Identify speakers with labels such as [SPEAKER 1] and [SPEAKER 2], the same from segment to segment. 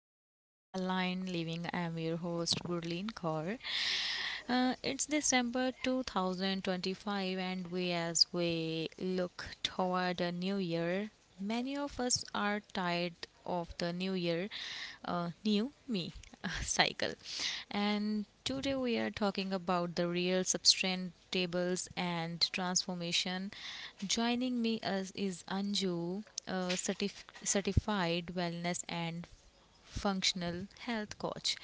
[SPEAKER 1] back to Align Living. I'm your host, Gurleen Kaur. It's December 2025, and as we look toward a new year, many of us are tired of the new year, new me cycle. And today we are talking about the real substrate tables and transformation. Joining me as is Anju certified wellness and functional health coach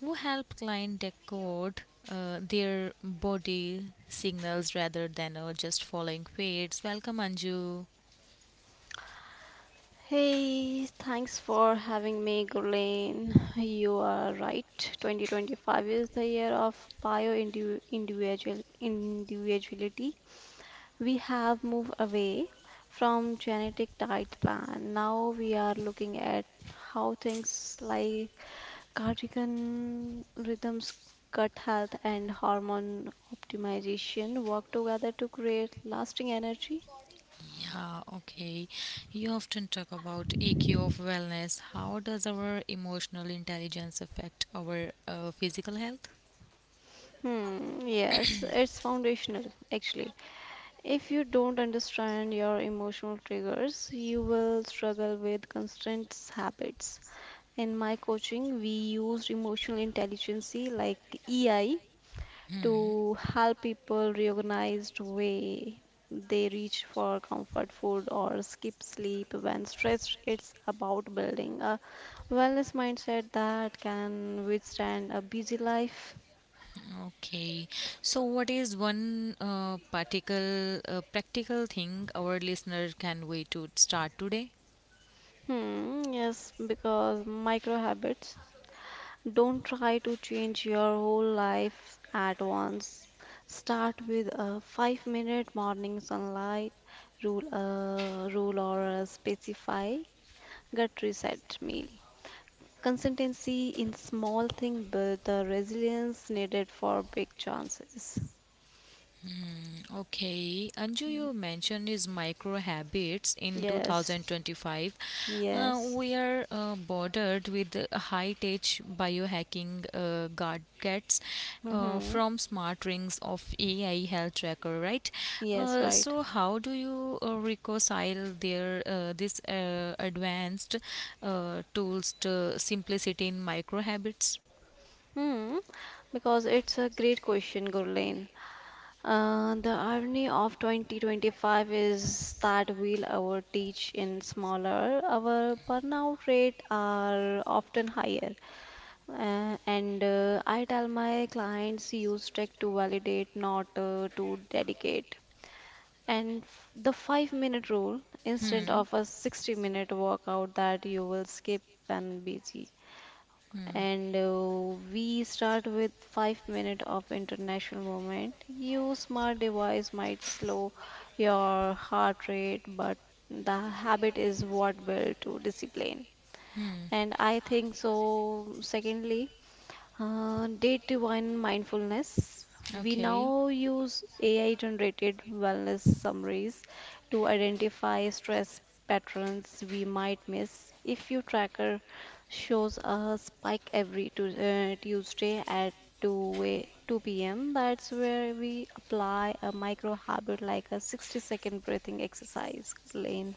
[SPEAKER 1] who help client decode their body signals rather than just following fads. Welcome, Anju.
[SPEAKER 2] Hey, thanks for having me, Gurleen. You are right. 2025 is the year of bio indiv- individual individuality. We have moved away from genetic diet plan. Now we are looking at how things like cardigan rhythms, gut health, and hormone optimization work together to create lasting energy.
[SPEAKER 1] Yeah, okay. You often talk about EQ of wellness. How does our emotional intelligence affect our physical health?
[SPEAKER 2] Hmm, yes, it's foundational actually. If you don't understand your emotional triggers, you will struggle with constant habits. In my coaching, we use emotional intelligence like EI to help people reorganized way they reach for comfort food or skip sleep when stressed. It's about building a wellness mindset that can withstand a busy life.
[SPEAKER 1] Okay, so what is one particle practical thing our listener can way to start today?
[SPEAKER 2] Hmm, yes, because micro habits don't try to change your whole life at once. Start with a 5 minute morning sunlight rule or a specify gut reset meal. Consistency in small thing build the resilience needed for big chances.
[SPEAKER 1] Okay, Anju, you mentioned is micro habits in
[SPEAKER 2] Yes,
[SPEAKER 1] 2025.
[SPEAKER 2] yes,
[SPEAKER 1] We are bordered with high tech biohacking gadgets
[SPEAKER 2] mm-hmm.
[SPEAKER 1] from smart rings of AI health tracker, right?
[SPEAKER 2] Yes,
[SPEAKER 1] Uh,
[SPEAKER 2] right.
[SPEAKER 1] so, how do you reconcile their this advanced tools to simplicity in micro habits?
[SPEAKER 2] Hmm. Because it's a great question, Gurleen. The irony of 2025 is that we'll our teach in smaller, our burnout rate are often higher. And I tell my clients use tech to validate, not to dedicate. And the 5 minute rule instead
[SPEAKER 1] Hmm.
[SPEAKER 2] of a 60-minute workout that you will skip when busy, and we start with 5 minute of international movement. Your smart device might slow your heart rate, but the habit is what will to discipline.
[SPEAKER 1] Hmm. Hmm.
[SPEAKER 2] And I think so secondly, day one mindfulness. We
[SPEAKER 1] Okay.
[SPEAKER 2] now use AI generated wellness summaries to identify stress patterns we might miss. If your tracker shows a spike every Tuesday at 2 p.m., that's where we apply a micro habit like a 60-second breathing exercise, Lane.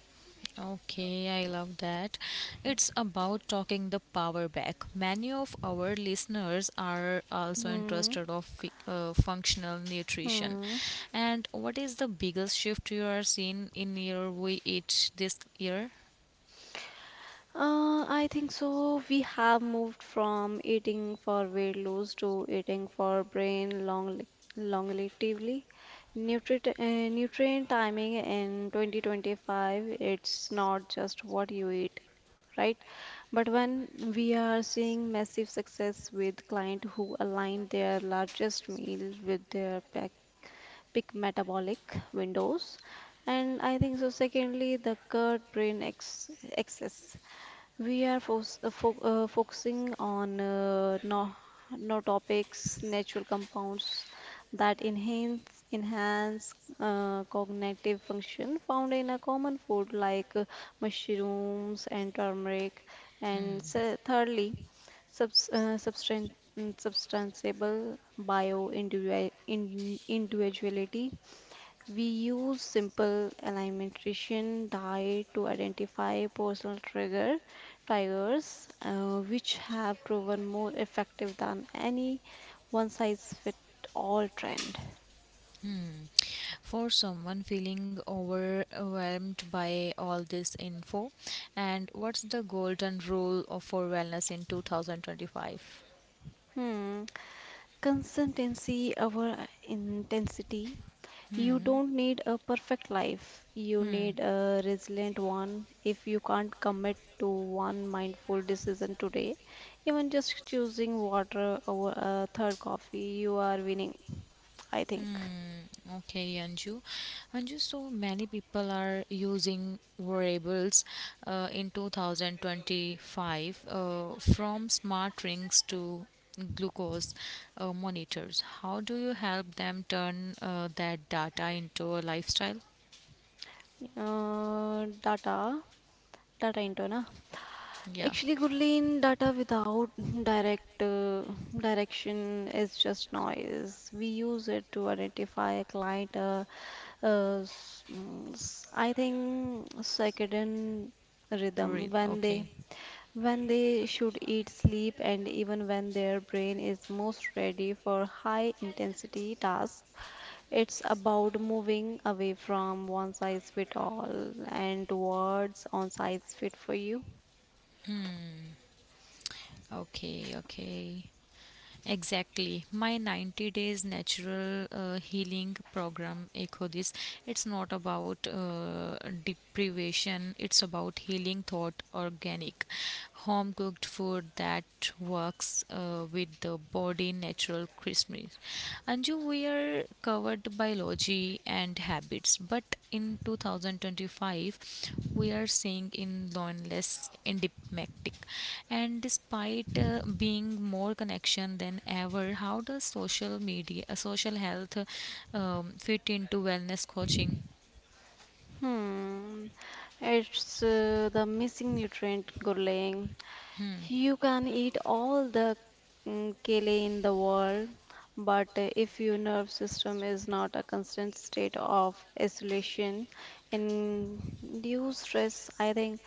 [SPEAKER 1] Okay, I love that. It's about talking the power back. Many of our listeners are also
[SPEAKER 2] Hmm.
[SPEAKER 1] interested of functional nutrition.
[SPEAKER 2] Hmm.
[SPEAKER 1] And what is the biggest shift you are seeing in your way eat this year?
[SPEAKER 2] I think so. We have moved from eating for weight loss to eating for brain longevity. Nutrient, uh, nutrient timing in 2025, it's not just what you eat, right? But when we are seeing massive success with client who align their largest meal with their pack peak metabolic windows. And I think so secondly the gut brain axis, we are fos- fo focusing on no topics, natural compounds that enhance cognitive function found in a common food like mushrooms and turmeric. And
[SPEAKER 1] Hmm.
[SPEAKER 2] thirdly, subs uh, substan- substantiable bio individuality, we use simple alimentation diet to identify personal triggers, which have proven more effective than any one-size-fit-all trend.
[SPEAKER 1] Hmm. For someone feeling overwhelmed by all this info, and what's the golden rule of for wellness in 2025?
[SPEAKER 2] Hmm. Consistency over intensity. You
[SPEAKER 1] Hmm.
[SPEAKER 2] don't need a perfect life. You
[SPEAKER 1] Hmm.
[SPEAKER 2] need a resilient one. If you can't commit to one mindful decision today, even just choosing water over a third coffee, you are winning, I think.
[SPEAKER 1] Hmm. Okay, Anju. Anju, so many people are using wearables in 2025 from smart rings to glucose monitors. How do you help them turn that data into a lifestyle?
[SPEAKER 2] Uh, data, data into na.
[SPEAKER 1] Yeah.
[SPEAKER 2] Actually, Gurleen, data without direct uh, direction is just noise. We use it to identify a client, a I think circadian rhythm,
[SPEAKER 1] Read.
[SPEAKER 2] when they,
[SPEAKER 1] Okay.
[SPEAKER 2] when they should eat, sleep, and even when their brain is most ready for high intensity tasks. It's about moving away from one size fit all and towards one size fit for you.
[SPEAKER 1] Hmm. Okay. Okay. Exactly. My 90 days natural healing program, Ekodis, it's not about deprivation, it's about healing thought, organic, home cooked food that works with the body, natural Christmas. Anju, we are covered biology and habits, but in 2025, we are seeing in loneliness endemic. And despite being more connection than ever, how does social media, social health, fit into wellness coaching?
[SPEAKER 2] Hmm, it's the missing nutrient, Gurleen.
[SPEAKER 1] Hmm.
[SPEAKER 2] You can eat all the kale in the world, but if your nerve system is not a constant state of isolation, induced stress, I think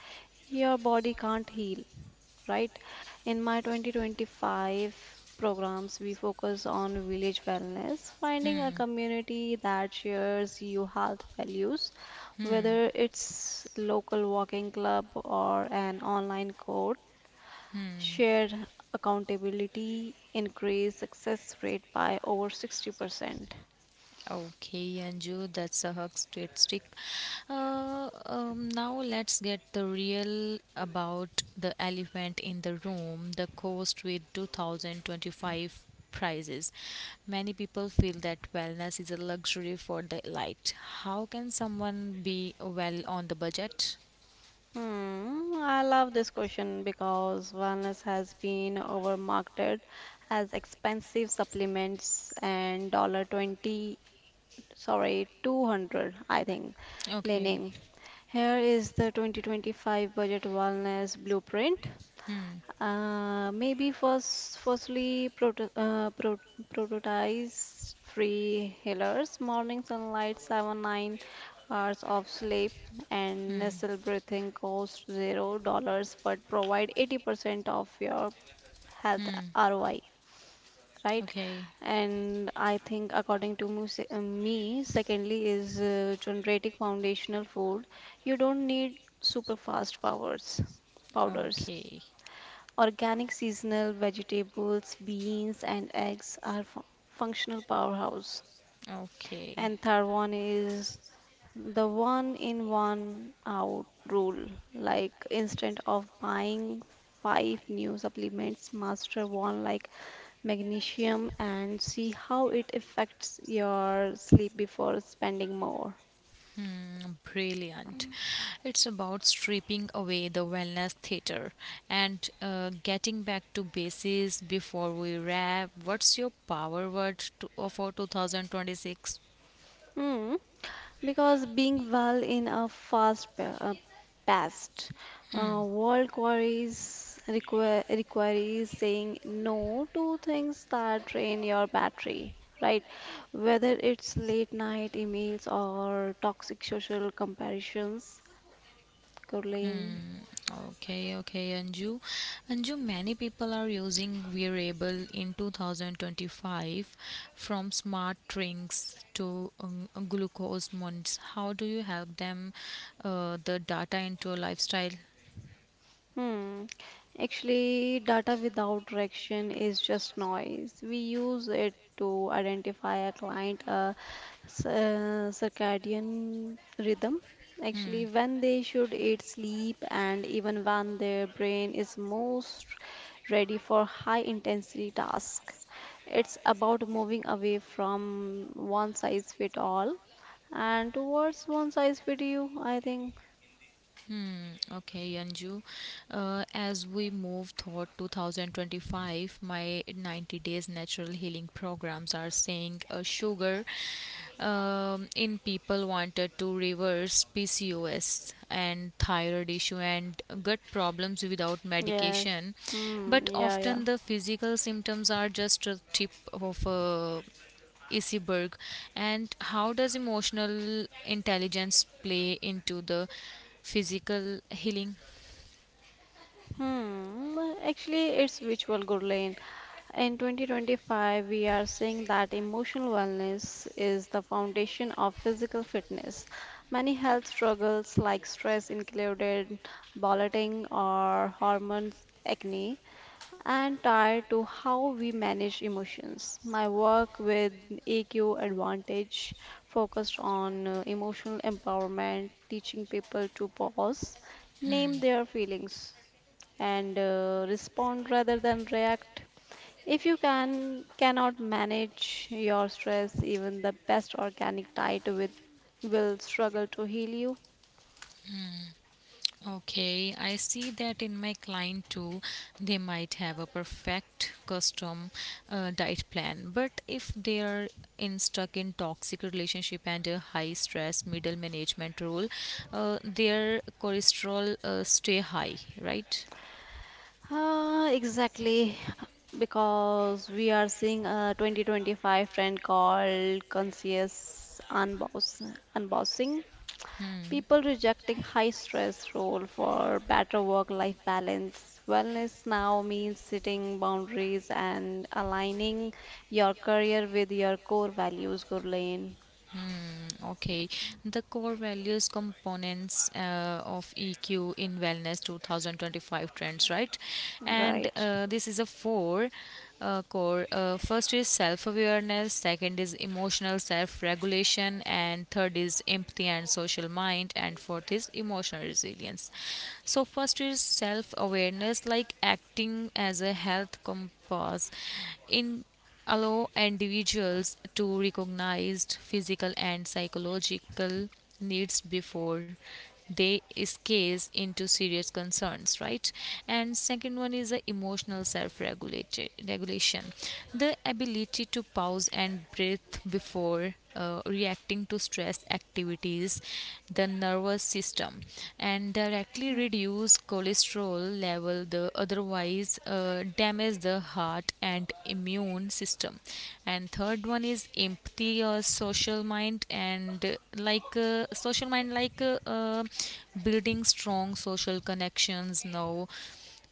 [SPEAKER 2] your body can't heal, right? In my 2025 programs, we focus on village wellness, finding a
[SPEAKER 1] Hmm.
[SPEAKER 2] community that shares your health values,
[SPEAKER 1] Hmm.
[SPEAKER 2] whether it's local walking club or an online course.
[SPEAKER 1] Hmm.
[SPEAKER 2] Shared accountability increased success rate by over 60%.
[SPEAKER 1] Okay, Anju, that's a hug straight stick. Now let's get the real about the elephant in the room, the cost with 2025 prices. Many people feel that wellness is a luxury for the elite. How can someone be well on the budget?
[SPEAKER 2] Hmm, I love this question because wellness has been overmarketed as expensive supplements and dollar 20, sorry, 200, I think,
[SPEAKER 1] Okay.
[SPEAKER 2] leaning. Here is the 2025 budget wellness blueprint.
[SPEAKER 1] Hmm.
[SPEAKER 2] Firstly, prototypes, free healers, morning sunlight, seven nine hours of sleep, and
[SPEAKER 1] Hmm.
[SPEAKER 2] nasal breathing cost zero dollars, but provide 80% of your health
[SPEAKER 1] Hmm.
[SPEAKER 2] ROI, right?
[SPEAKER 1] Okay.
[SPEAKER 2] And I think, according to me, secondly is generating foundational food. You don't need super powders.
[SPEAKER 1] Okay.
[SPEAKER 2] Organic seasonal vegetables, beans, and eggs are functional powerhouse.
[SPEAKER 1] Okay.
[SPEAKER 2] And third one is the one in one out rule. Like instead of buying five new supplements, master one like magnesium and see how it affects your sleep before spending more.
[SPEAKER 1] Mm, brilliant. It's about stripping away the wellness theater and getting back to bases before we wrap. What's your power word to, for 2026?
[SPEAKER 2] Hmm. Because being well in a paced world queries require requires saying no to things that drain your battery, right? Whether it's late night emails or toxic social comparisons, Caroline.
[SPEAKER 1] Hmm. Okay, okay, Anju. Anju, many people are using wearable in 2025 from smart drinks to glucose monitors. How do you help them the data into a lifestyle?
[SPEAKER 2] Hmm. Actually, data without direction is just noise. We use it to identify a client, a circadian rhythm.
[SPEAKER 1] Hmm,
[SPEAKER 2] Actually, when they should eat, sleep, and even when their brain is most ready for high intensity tasks. It's about moving away from one size fit all and towards one size fit you, I think.
[SPEAKER 1] hmm. Okay, Anju. As we move toward 2025, my 90 days natural healing programs are saying sugar in people wanted to reverse PCOS and thyroid issue and gut problems without
[SPEAKER 2] Yes.
[SPEAKER 1] medication,
[SPEAKER 2] Hmm.
[SPEAKER 1] but
[SPEAKER 2] Yeah, yeah.
[SPEAKER 1] often the physical symptoms are just a tip of a iceberg. And how does emotional intelligence play into the physical healing?
[SPEAKER 2] Hmm, actually, it's virtual, Gurleen. In 2025, we are seeing that emotional wellness is the foundation of physical fitness. Many health struggles, like stress included, bloating or hormones, acne, and tied to how we manage emotions. My work with EQ Advantage focused on emotional empowerment, teaching people to pause, name
[SPEAKER 1] Hmm.
[SPEAKER 2] their feelings and respond rather than react. If you cannot manage your stress, even the best organic diet with will struggle to heal you.
[SPEAKER 1] Okay, I see that in my client too. They might have a perfect custom diet plan, but if they are in stuck in toxic relationship and a high stress middle management role, their cholesterol stay high, right?
[SPEAKER 2] Ah, exactly, because we are seeing a 2025 trend called conscious unbossing.
[SPEAKER 1] Hmm.
[SPEAKER 2] People rejecting high stress role for better work life balance. Wellness now means setting boundaries and aligning your career with your core values, Gurleen.
[SPEAKER 1] Mm, okay, the core values components of EQ in Wellness 2025 trends, right? And
[SPEAKER 2] Right.
[SPEAKER 1] this is a four core. First is self awareness, second is emotional self regulation, and third is empathy and social mind, and fourth is emotional resilience. So, first is self awareness, like acting as a health compass in allow individuals to recognize physical and psychological needs before they escalate into serious concerns, right? And second one is the emotional self regulation, the ability to pause and breathe before reacting to stress activities the nervous system and directly reduce cholesterol level the otherwise damage the heart and immune system. And third one is empathy or social mind and social mind like building strong social connections now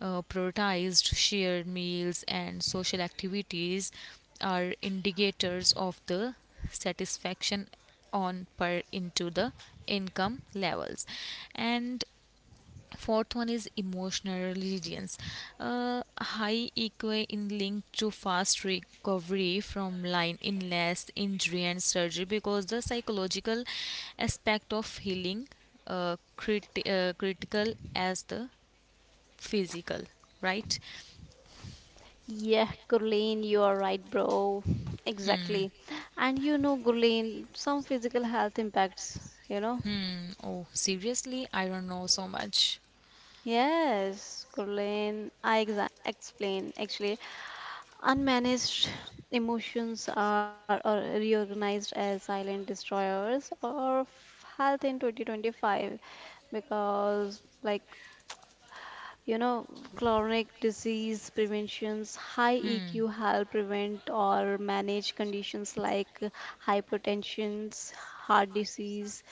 [SPEAKER 1] prioritized shared meals and social activities are indicators of the satisfaction on per into the income levels. And fourth one is emotional resilience. High eqa in link to fast recovery from line illness injury and surgery, because the psychological aspect of healing critical as the physical, right?
[SPEAKER 2] Yeah, Gurleen, you are right, bro.
[SPEAKER 1] Hmm.
[SPEAKER 2] Exactly. And you know, Gurleen, some physical health impacts, you know?
[SPEAKER 1] Hmm, oh, seriously, I don't know so much.
[SPEAKER 2] Yes, Gurleen, I exa explain actually. Unmanaged emotions are or reorganized as silent destroyers of health in 2025, because like you know chronic disease preventions, high EQ
[SPEAKER 1] Hmm.
[SPEAKER 2] help prevent or manage conditions like hypertension, heart disease,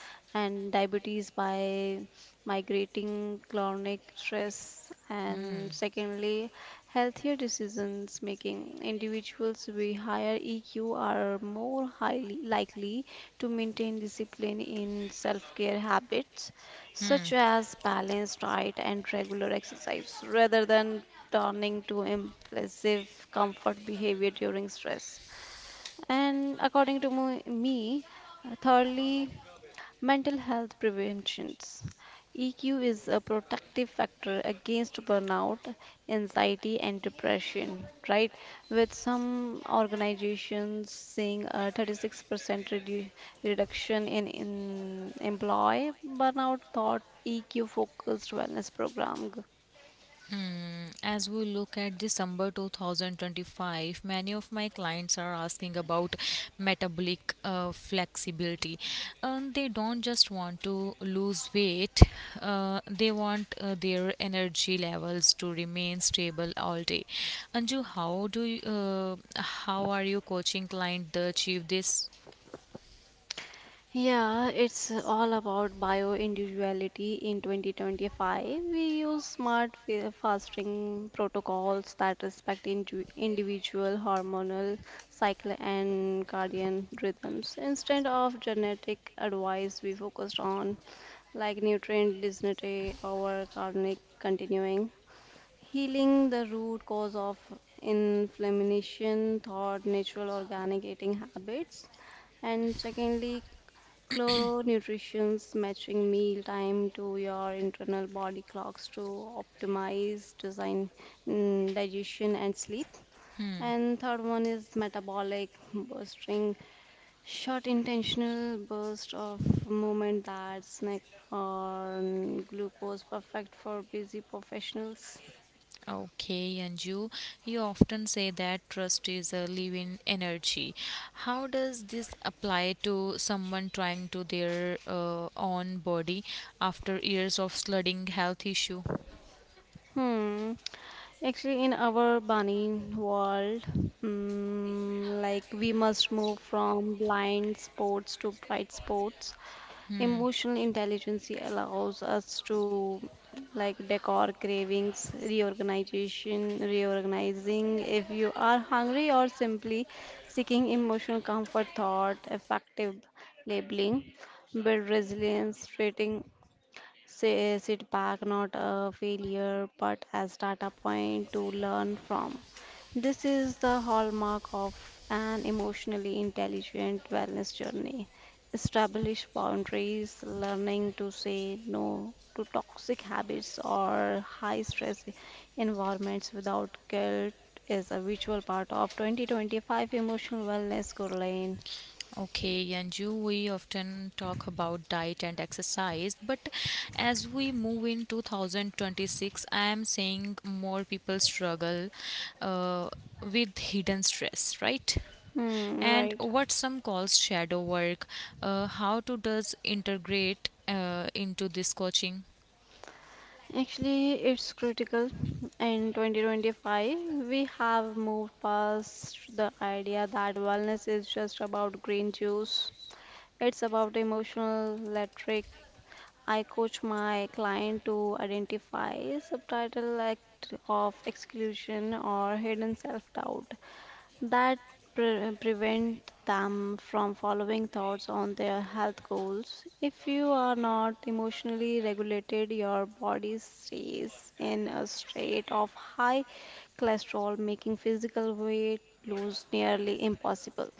[SPEAKER 2] and diabetes by migrating chronic stress. And secondly, healthier decisions making, individuals with higher EQ are more highly likely to maintain discipline in self-care habits
[SPEAKER 1] Hmm.
[SPEAKER 2] such
[SPEAKER 1] Hmm.
[SPEAKER 2] as balanced diet and regular exercise, rather than turning to impulsive comfort behavior during stress. And according to me, thirdly, mental health preventions. EQ is a protective factor against burnout, anxiety, and depression, right? With some organizations seeing a 36% redu- reduction in employee burnout thought EQ focused wellness program.
[SPEAKER 1] As we look at December 2025, many of my clients are asking about metabolic flexibility. They don't just want to lose weight, they want their energy levels to remain stable all day. Anju, how do you, how are you coaching client to achieve this?
[SPEAKER 2] Yeah, it's all about bio-individuality in 2025. We use smart fasting protocols that respect individual hormonal cycle and cardiac rhythms. Instead of genetic advice, we focused on like nutrient density or chronic continuing. Healing the root cause of inflammation through natural organic eating habits. And secondly, Chloro nutrition's matching meal time to your internal body clocks to optimize design, digestion and sleep.
[SPEAKER 1] Hmm.
[SPEAKER 2] And third one is metabolic bursting, short intentional burst of movement that snack on glucose, perfect for busy professionals.
[SPEAKER 1] Okay, Anju, you often say that trust is a living energy. How does this apply to someone trying to their own body after years of slugging health issue?
[SPEAKER 2] Hmm. Actually, in our bunny world, like we must move from blind sports to bright sports.
[SPEAKER 1] Hmm.
[SPEAKER 2] Emotional intelligence allows us to like decor cravings, reorganizing. If you are hungry or simply seeking emotional comfort, thought, effective labeling, build resilience, treating. Say sit back, not a failure but as data point to learn from. This is the hallmark of an emotionally intelligent wellness journey. Establish boundaries, learning to say no to toxic habits or high stress environments without guilt is a virtual part of 2025 emotional wellness, Caroline.
[SPEAKER 1] Okay, Yanju, we often talk about diet and exercise, but as we move in 2026, I am seeing more people struggle uh, with hidden stress, right?
[SPEAKER 2] Hmm,
[SPEAKER 1] And
[SPEAKER 2] right.
[SPEAKER 1] what some calls shadow work, how to does integrate into this coaching?
[SPEAKER 2] Actually, it's critical. In 2025, we have moved past the idea that wellness is just about green juice. It's about emotional rhetoric. I coach my client to identify subtitle act of exclusion or hidden self-doubt that prevent them from following thoughts on their health goals. If you are not emotionally regulated, your body stays in a state of high cholesterol, making physical weight lose nearly impossible.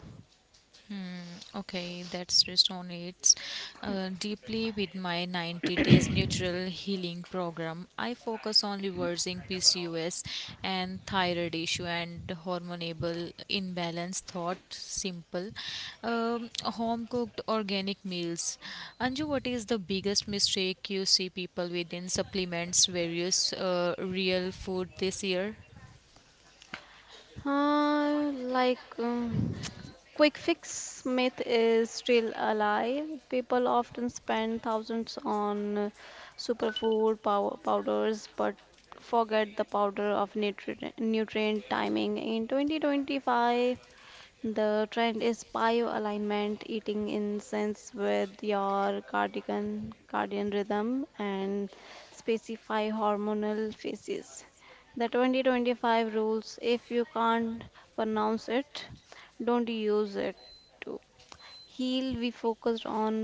[SPEAKER 1] Okay, that resonates deeply with my 90 days natural healing program. I focus on reversing PCOS and thyroid issue and hormonable imbalance. Thought simple, home cooked organic meals. Anju, what is the biggest mistake you see people within supplements, various real food this year?
[SPEAKER 2] Uh, like um, quick fix myth is still alive. People often spend thousands on superfood powders, but forget the powder of nutrient timing. In 2025, the trend is pio-alignment, eating incense with your cardian rhythm, and specify hormonal phases. The 2025 rules if you can't pronounce it, don't use it too. Heal. We focused on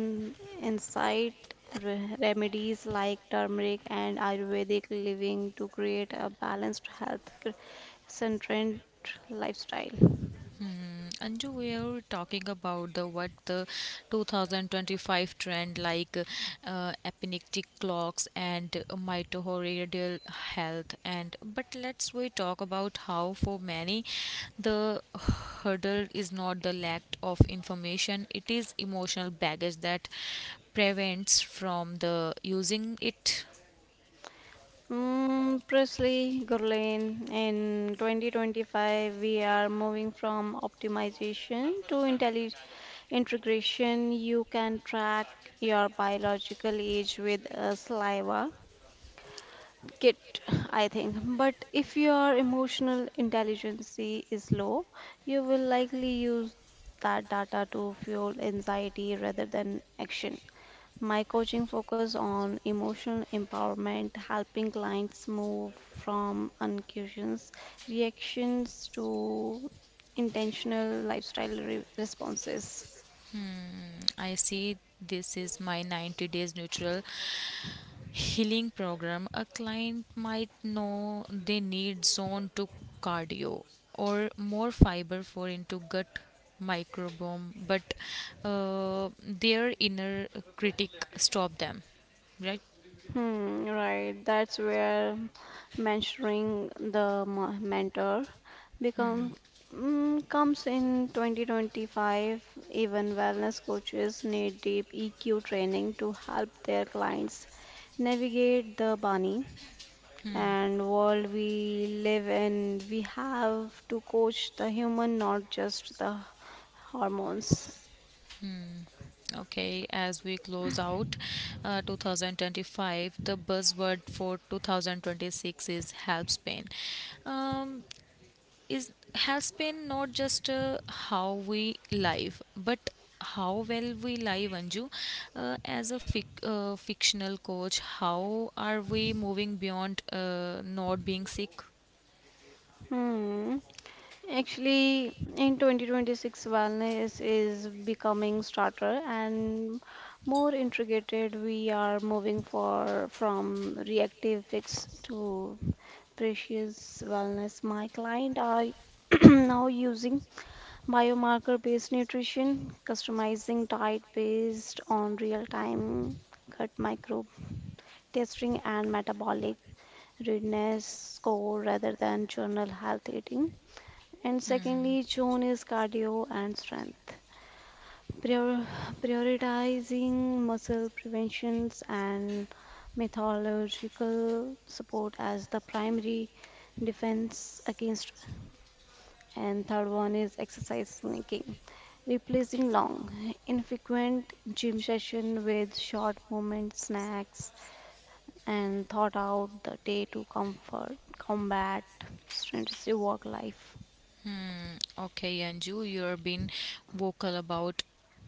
[SPEAKER 2] insight remedies like turmeric and Ayurvedic living to create a balanced health centered lifestyle.
[SPEAKER 1] Anju, we are talking about the what the 2025 trend like epigenetic clocks and mitochondrial health, and but let's we talk about how for many the hurdle is not the lack of information; it is emotional baggage that prevents from the using it.
[SPEAKER 2] Mm, Presley Gurlane, in 2025, we are moving from optimization to integration. You can track your biological age with a saliva kit, I think. But if your emotional intelligence is low, you will likely use that data to fuel anxiety rather than action. My coaching focus on emotional empowerment, helping clients move from unconscious reactions to intentional lifestyle responses.
[SPEAKER 1] Mm, I see this is my 90 days neutral healing program, a client might know they need zone 2 cardio or more fiber for into gut microbiome, but their inner critic stop them, right?
[SPEAKER 2] Hmm, right. That's where mentoring the mentor
[SPEAKER 1] Hmm.
[SPEAKER 2] become comes in 2025. Even wellness coaches need deep EQ training to help their clients navigate the Bani and world we live in, we have to coach the human, not just the hormones.
[SPEAKER 1] Okay, as we close out 2025, the buzzword for 2026 is health span. Um, is has been not just how we live but how well we live, Anju, as a fictional coach, how are we moving beyond not being sick?
[SPEAKER 2] Hmm. Actually, in 2026, wellness is becoming starter and more integrated. We are moving for from reactive fix to precious wellness. My client are now using biomarker based nutrition, customizing diet based on real time gut microbe testing and metabolic readiness score rather than journal health eating. And
[SPEAKER 1] Hmm.
[SPEAKER 2] secondly, zone is cardio and strength. Prior- Prioritizing muscle preventions and methodological support as the primary defense against, and third one is exercise sneaking, replacing long, infrequent gym session with short movement snacks and thought out the day to combat strenuous work life.
[SPEAKER 1] Hmm, okay, Anju, you have been vocal about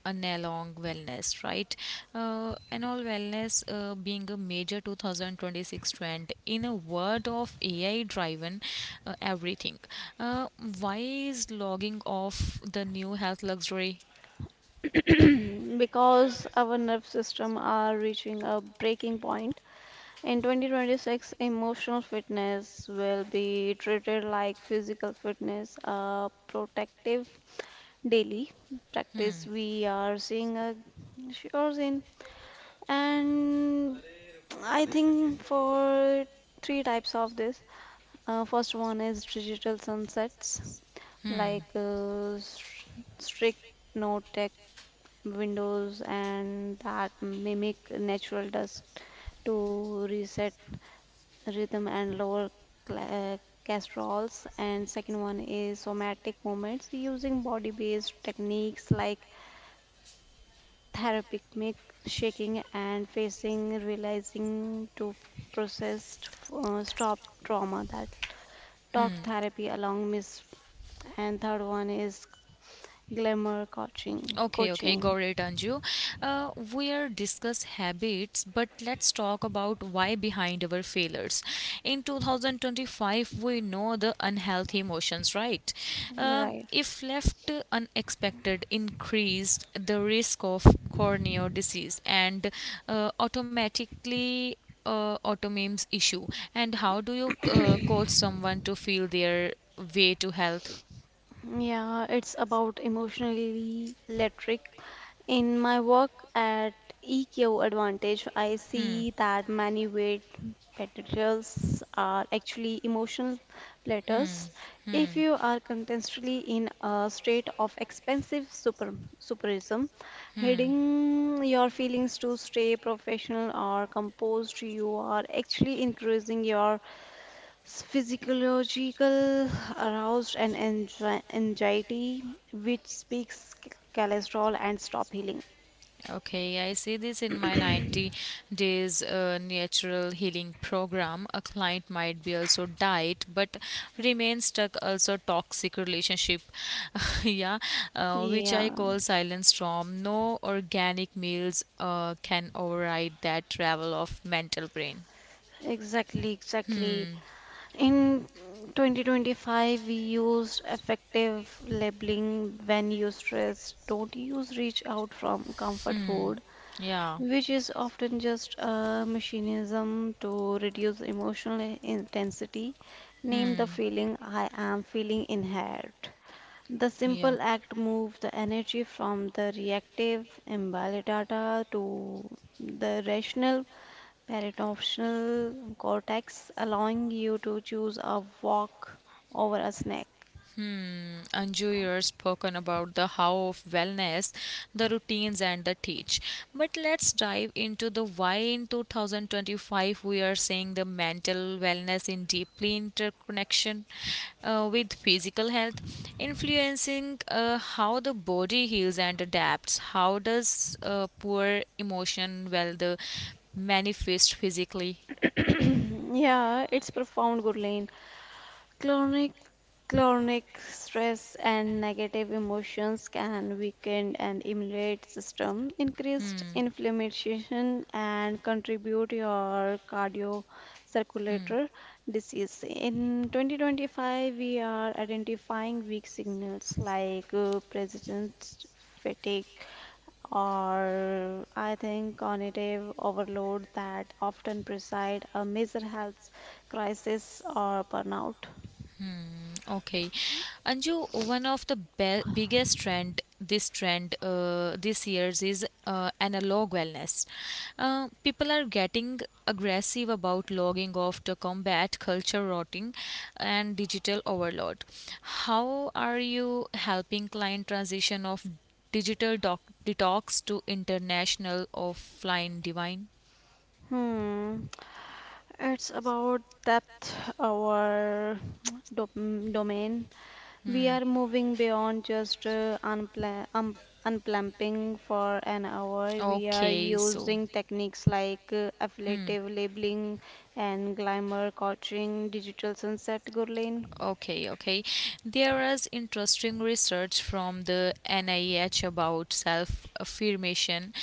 [SPEAKER 1] analog wellness, right? Anal wellness being a major 2026 trend in a world of AI-driven everything. Uh, why is logging off the new health luxury?
[SPEAKER 2] Because our nerve system are reaching a breaking point. In 2026, emotional fitness will be treated like physical fitness, a protective daily practice.
[SPEAKER 1] Hmm.
[SPEAKER 2] We are seeing a sure in, and I think for three types of this. First one is digital sunsets,
[SPEAKER 1] Hmm.
[SPEAKER 2] like strict no tech windows and that mimic natural dusk to reset rhythm and lower cla- uh, casseroles. And second one is somatic movements using body-based techniques like therapeutic make shaking and facing realizing to process stop trauma that talk
[SPEAKER 1] Hmm.
[SPEAKER 2] therapy along miss. And third one is glamour coaching
[SPEAKER 1] Okay, okay,
[SPEAKER 2] coaching
[SPEAKER 1] got it, Anju. We are discuss habits, but let's talk about why behind our failures. In 2025, we know the unhealthy emotions, right?
[SPEAKER 2] right.
[SPEAKER 1] If left unexpected, increased the risk of corneal disease and automatically autoimmune issue. And how do you coach someone to feel their way to health?
[SPEAKER 2] Yeah, it's about emotionally electric. In my work at EQ Advantage, I
[SPEAKER 1] Hmm,
[SPEAKER 2] see that many weight materials are actually emotional
[SPEAKER 1] hmm,
[SPEAKER 2] platters.
[SPEAKER 1] hmm.
[SPEAKER 2] If you are constantly in a state of expensive super superism,
[SPEAKER 1] Hmm.
[SPEAKER 2] hiding your feelings to stay professional or composed, you are actually increasing your physiological arousal and anxiety, which speaks cholesterol and stop healing.
[SPEAKER 1] Okay, I see this in my 90 days natural healing program. A client might be also diet but remain stuck also toxic relationship. Yeah, which I
[SPEAKER 2] Yeah,
[SPEAKER 1] call silent storm. No organic meals can override that travel of mental brain.
[SPEAKER 2] exactly, exactly.
[SPEAKER 1] Hmm.
[SPEAKER 2] In 2025, we used effective labeling when you stress. Don't use reach out from comfort food,
[SPEAKER 1] Yeah.
[SPEAKER 2] which is often just a mechanism to reduce emotional intensity. Name the
[SPEAKER 1] Hmm.
[SPEAKER 2] feeling I am feeling in head. The
[SPEAKER 1] Yeah.
[SPEAKER 2] simple act moves the energy from the reactive amygdala to the rational parietal cortex, allowing you to choose a walk over a snack.
[SPEAKER 1] Hmm. Anju, you're spoken about the how of wellness, the routines, and the teach. But let's dive into the why in 2025 we are seeing the mental wellness in deeply interconnection with physical health, influencing how the body heals and adapts. How does poor emotion well the manifest physically?
[SPEAKER 2] Yeah, it's profound, Gurleen. Chronic, Chronic stress and negative emotions can weaken an immune system, increased
[SPEAKER 1] Hmm.
[SPEAKER 2] inflammation, and contribute your cardiovascular disease. In 2025, we are identifying weak signals like persistent fatigue or I think cognitive overload that often preside a major health crisis or burnout.
[SPEAKER 1] Hmm, okay. Anju, one of the biggest trend this year's is analog wellness. People are getting aggressive about logging off to combat culture rotting and digital overload. How are you helping client transition of digital detox to international offline divine?
[SPEAKER 2] Hmm, it's about depth, our domain. We
[SPEAKER 1] Hmm,
[SPEAKER 2] are moving beyond just unpla unplumping for an hour. We are
[SPEAKER 1] okay, so.
[SPEAKER 2] using techniques like
[SPEAKER 1] Hmm.
[SPEAKER 2] affiliative labeling and glamour coaching, digital sunset, Gurleen.
[SPEAKER 1] Okay, okay. There is interesting research from the NIH about self affirmation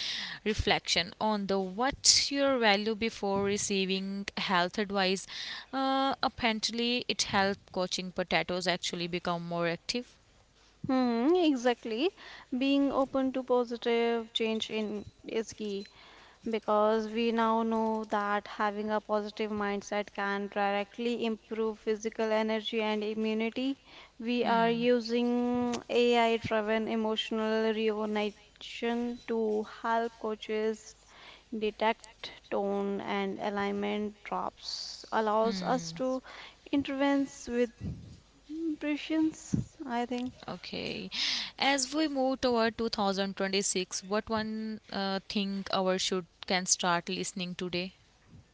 [SPEAKER 1] reflection on the what's your value before receiving health advice. Apparently, it helped coaching potatoes actually become more active.
[SPEAKER 2] Hmm, exactly. Being open to positive change in is key. Because we now know that having a positive mindset can directly improve physical energy and immunity, we are
[SPEAKER 1] Hmm.
[SPEAKER 2] using AI driven emotional recognition to help coaches detect tone and alignment drops, allows us
[SPEAKER 1] Hmm.
[SPEAKER 2] to intervene with prescience, I think.
[SPEAKER 1] Okay. As we move toward 2026, what one thing our should can start listening today?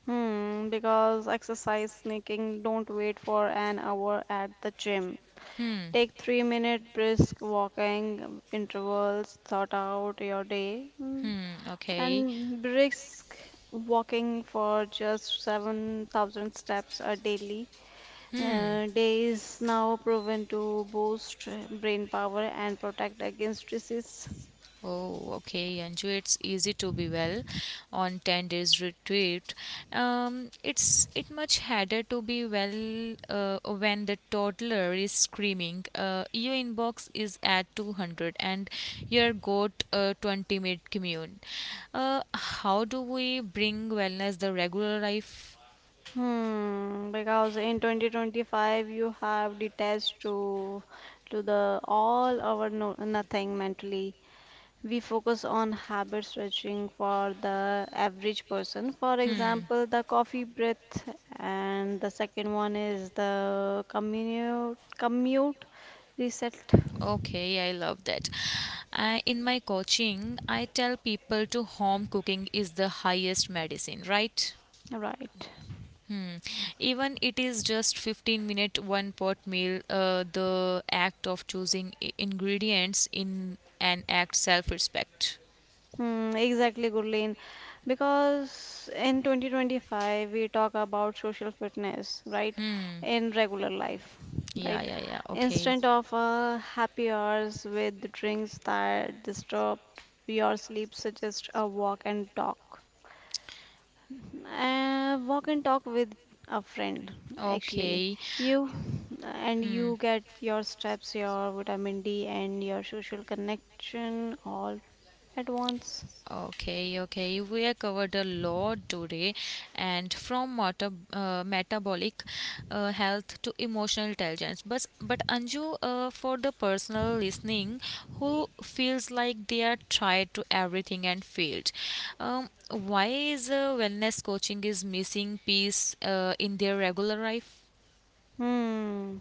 [SPEAKER 2] Hmm, because exercise sneaking, don't wait for an hour at the gym.
[SPEAKER 1] Hmm.
[SPEAKER 2] Take 3 minute brisk walking intervals, thought out your day,
[SPEAKER 1] Hmm. Okay.
[SPEAKER 2] and brisk walking for just 7,000 steps a daily.
[SPEAKER 1] Hmm.
[SPEAKER 2] Day is now proven to boost brain power and protect against disease.
[SPEAKER 1] Oh, okay, Anju. It's easy to be well on 10 days retreat. It's it much harder to be well when the toddler is screaming. Your inbox is at 200 and your goat 20 minute commune. How do we bring wellness the regular life?
[SPEAKER 2] Hmm, because in 2025 you have detached to the all or no, nothing mentally. We focus on habit stretching for the average person. For example, the coffee breath, and the second one is the commute reset.
[SPEAKER 1] Okay, I love that. In my coaching, I tell people to home cooking is the highest medicine, right?
[SPEAKER 2] Right.
[SPEAKER 1] Hmm. Even it is just 15 minute one pot meal, the act of choosing ingredients in an act self respect.
[SPEAKER 2] Hmm, exactly, Gurleen. Because in 2025, we talk about social fitness, right?
[SPEAKER 1] Hmm.
[SPEAKER 2] In regular life,
[SPEAKER 1] Yeah,
[SPEAKER 2] right?
[SPEAKER 1] yeah, yeah. Okay.
[SPEAKER 2] Instead of happy hours with drinks that disturb your sleep, suggest a walk and talk. Walk and talk with a friend, actually.
[SPEAKER 1] Okay.
[SPEAKER 2] You and
[SPEAKER 1] Hmm.
[SPEAKER 2] you get your steps, your vitamin D, and your social connection all at once.
[SPEAKER 1] Okay, okay. We have covered a lot today, and from metabolic health to emotional intelligence. But Anju, for the personal listening, who feels like they are tried to everything and failed, why is wellness coaching is missing piece in their regular life?
[SPEAKER 2] Hmm,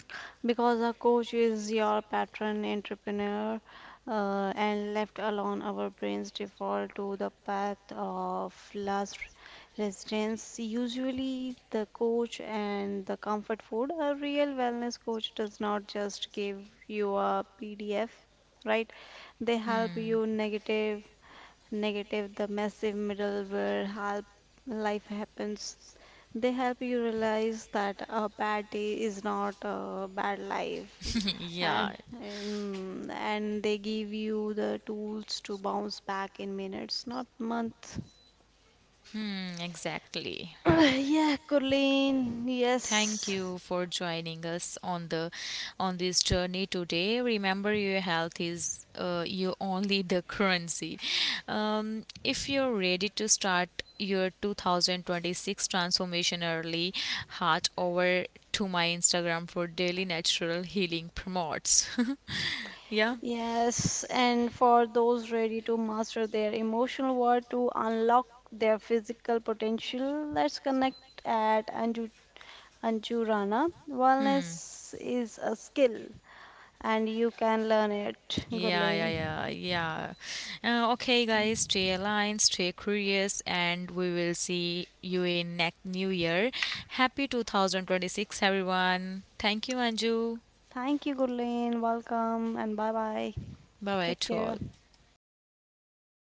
[SPEAKER 2] because a coach is your patron entrepreneur, and left alone, our brains default to the path of last resistance. Usually, the coach and the comfort food. A real wellness coach does not just give you a PDF, right? They help
[SPEAKER 1] Hmm.
[SPEAKER 2] you negative, the massive middle where help life happens. They help you realize that a bad day is not a bad life,
[SPEAKER 1] Yeah.
[SPEAKER 2] and they give you the tools to bounce back in minutes, not months.
[SPEAKER 1] Hmm. Exactly.
[SPEAKER 2] Yeah, Kurleen,
[SPEAKER 1] Thank
[SPEAKER 2] yes.
[SPEAKER 1] you for joining us on the on this journey today. Remember, your health is you only the currency. If you're ready to start your 2026 transformation early, heart over to my Instagram for daily natural healing promotes. Yeah.
[SPEAKER 2] Yes, and for those ready to master their emotional world to unlock their physical potential, let's connect at Anju Rana.
[SPEAKER 1] Hmm.
[SPEAKER 2] Wellness is a skill, and you can learn it,
[SPEAKER 1] Yeah,
[SPEAKER 2] Gurleen.
[SPEAKER 1] yeah, yeah, yeah. Okay, guys, stay aligned, stay curious, and we will see you in next new year. Happy 2026, everyone. Thank you, Anju.
[SPEAKER 2] Thank you, Gurleen. Welcome and bye bye.
[SPEAKER 1] Bye bye
[SPEAKER 2] Take
[SPEAKER 1] to
[SPEAKER 2] care.
[SPEAKER 1] all.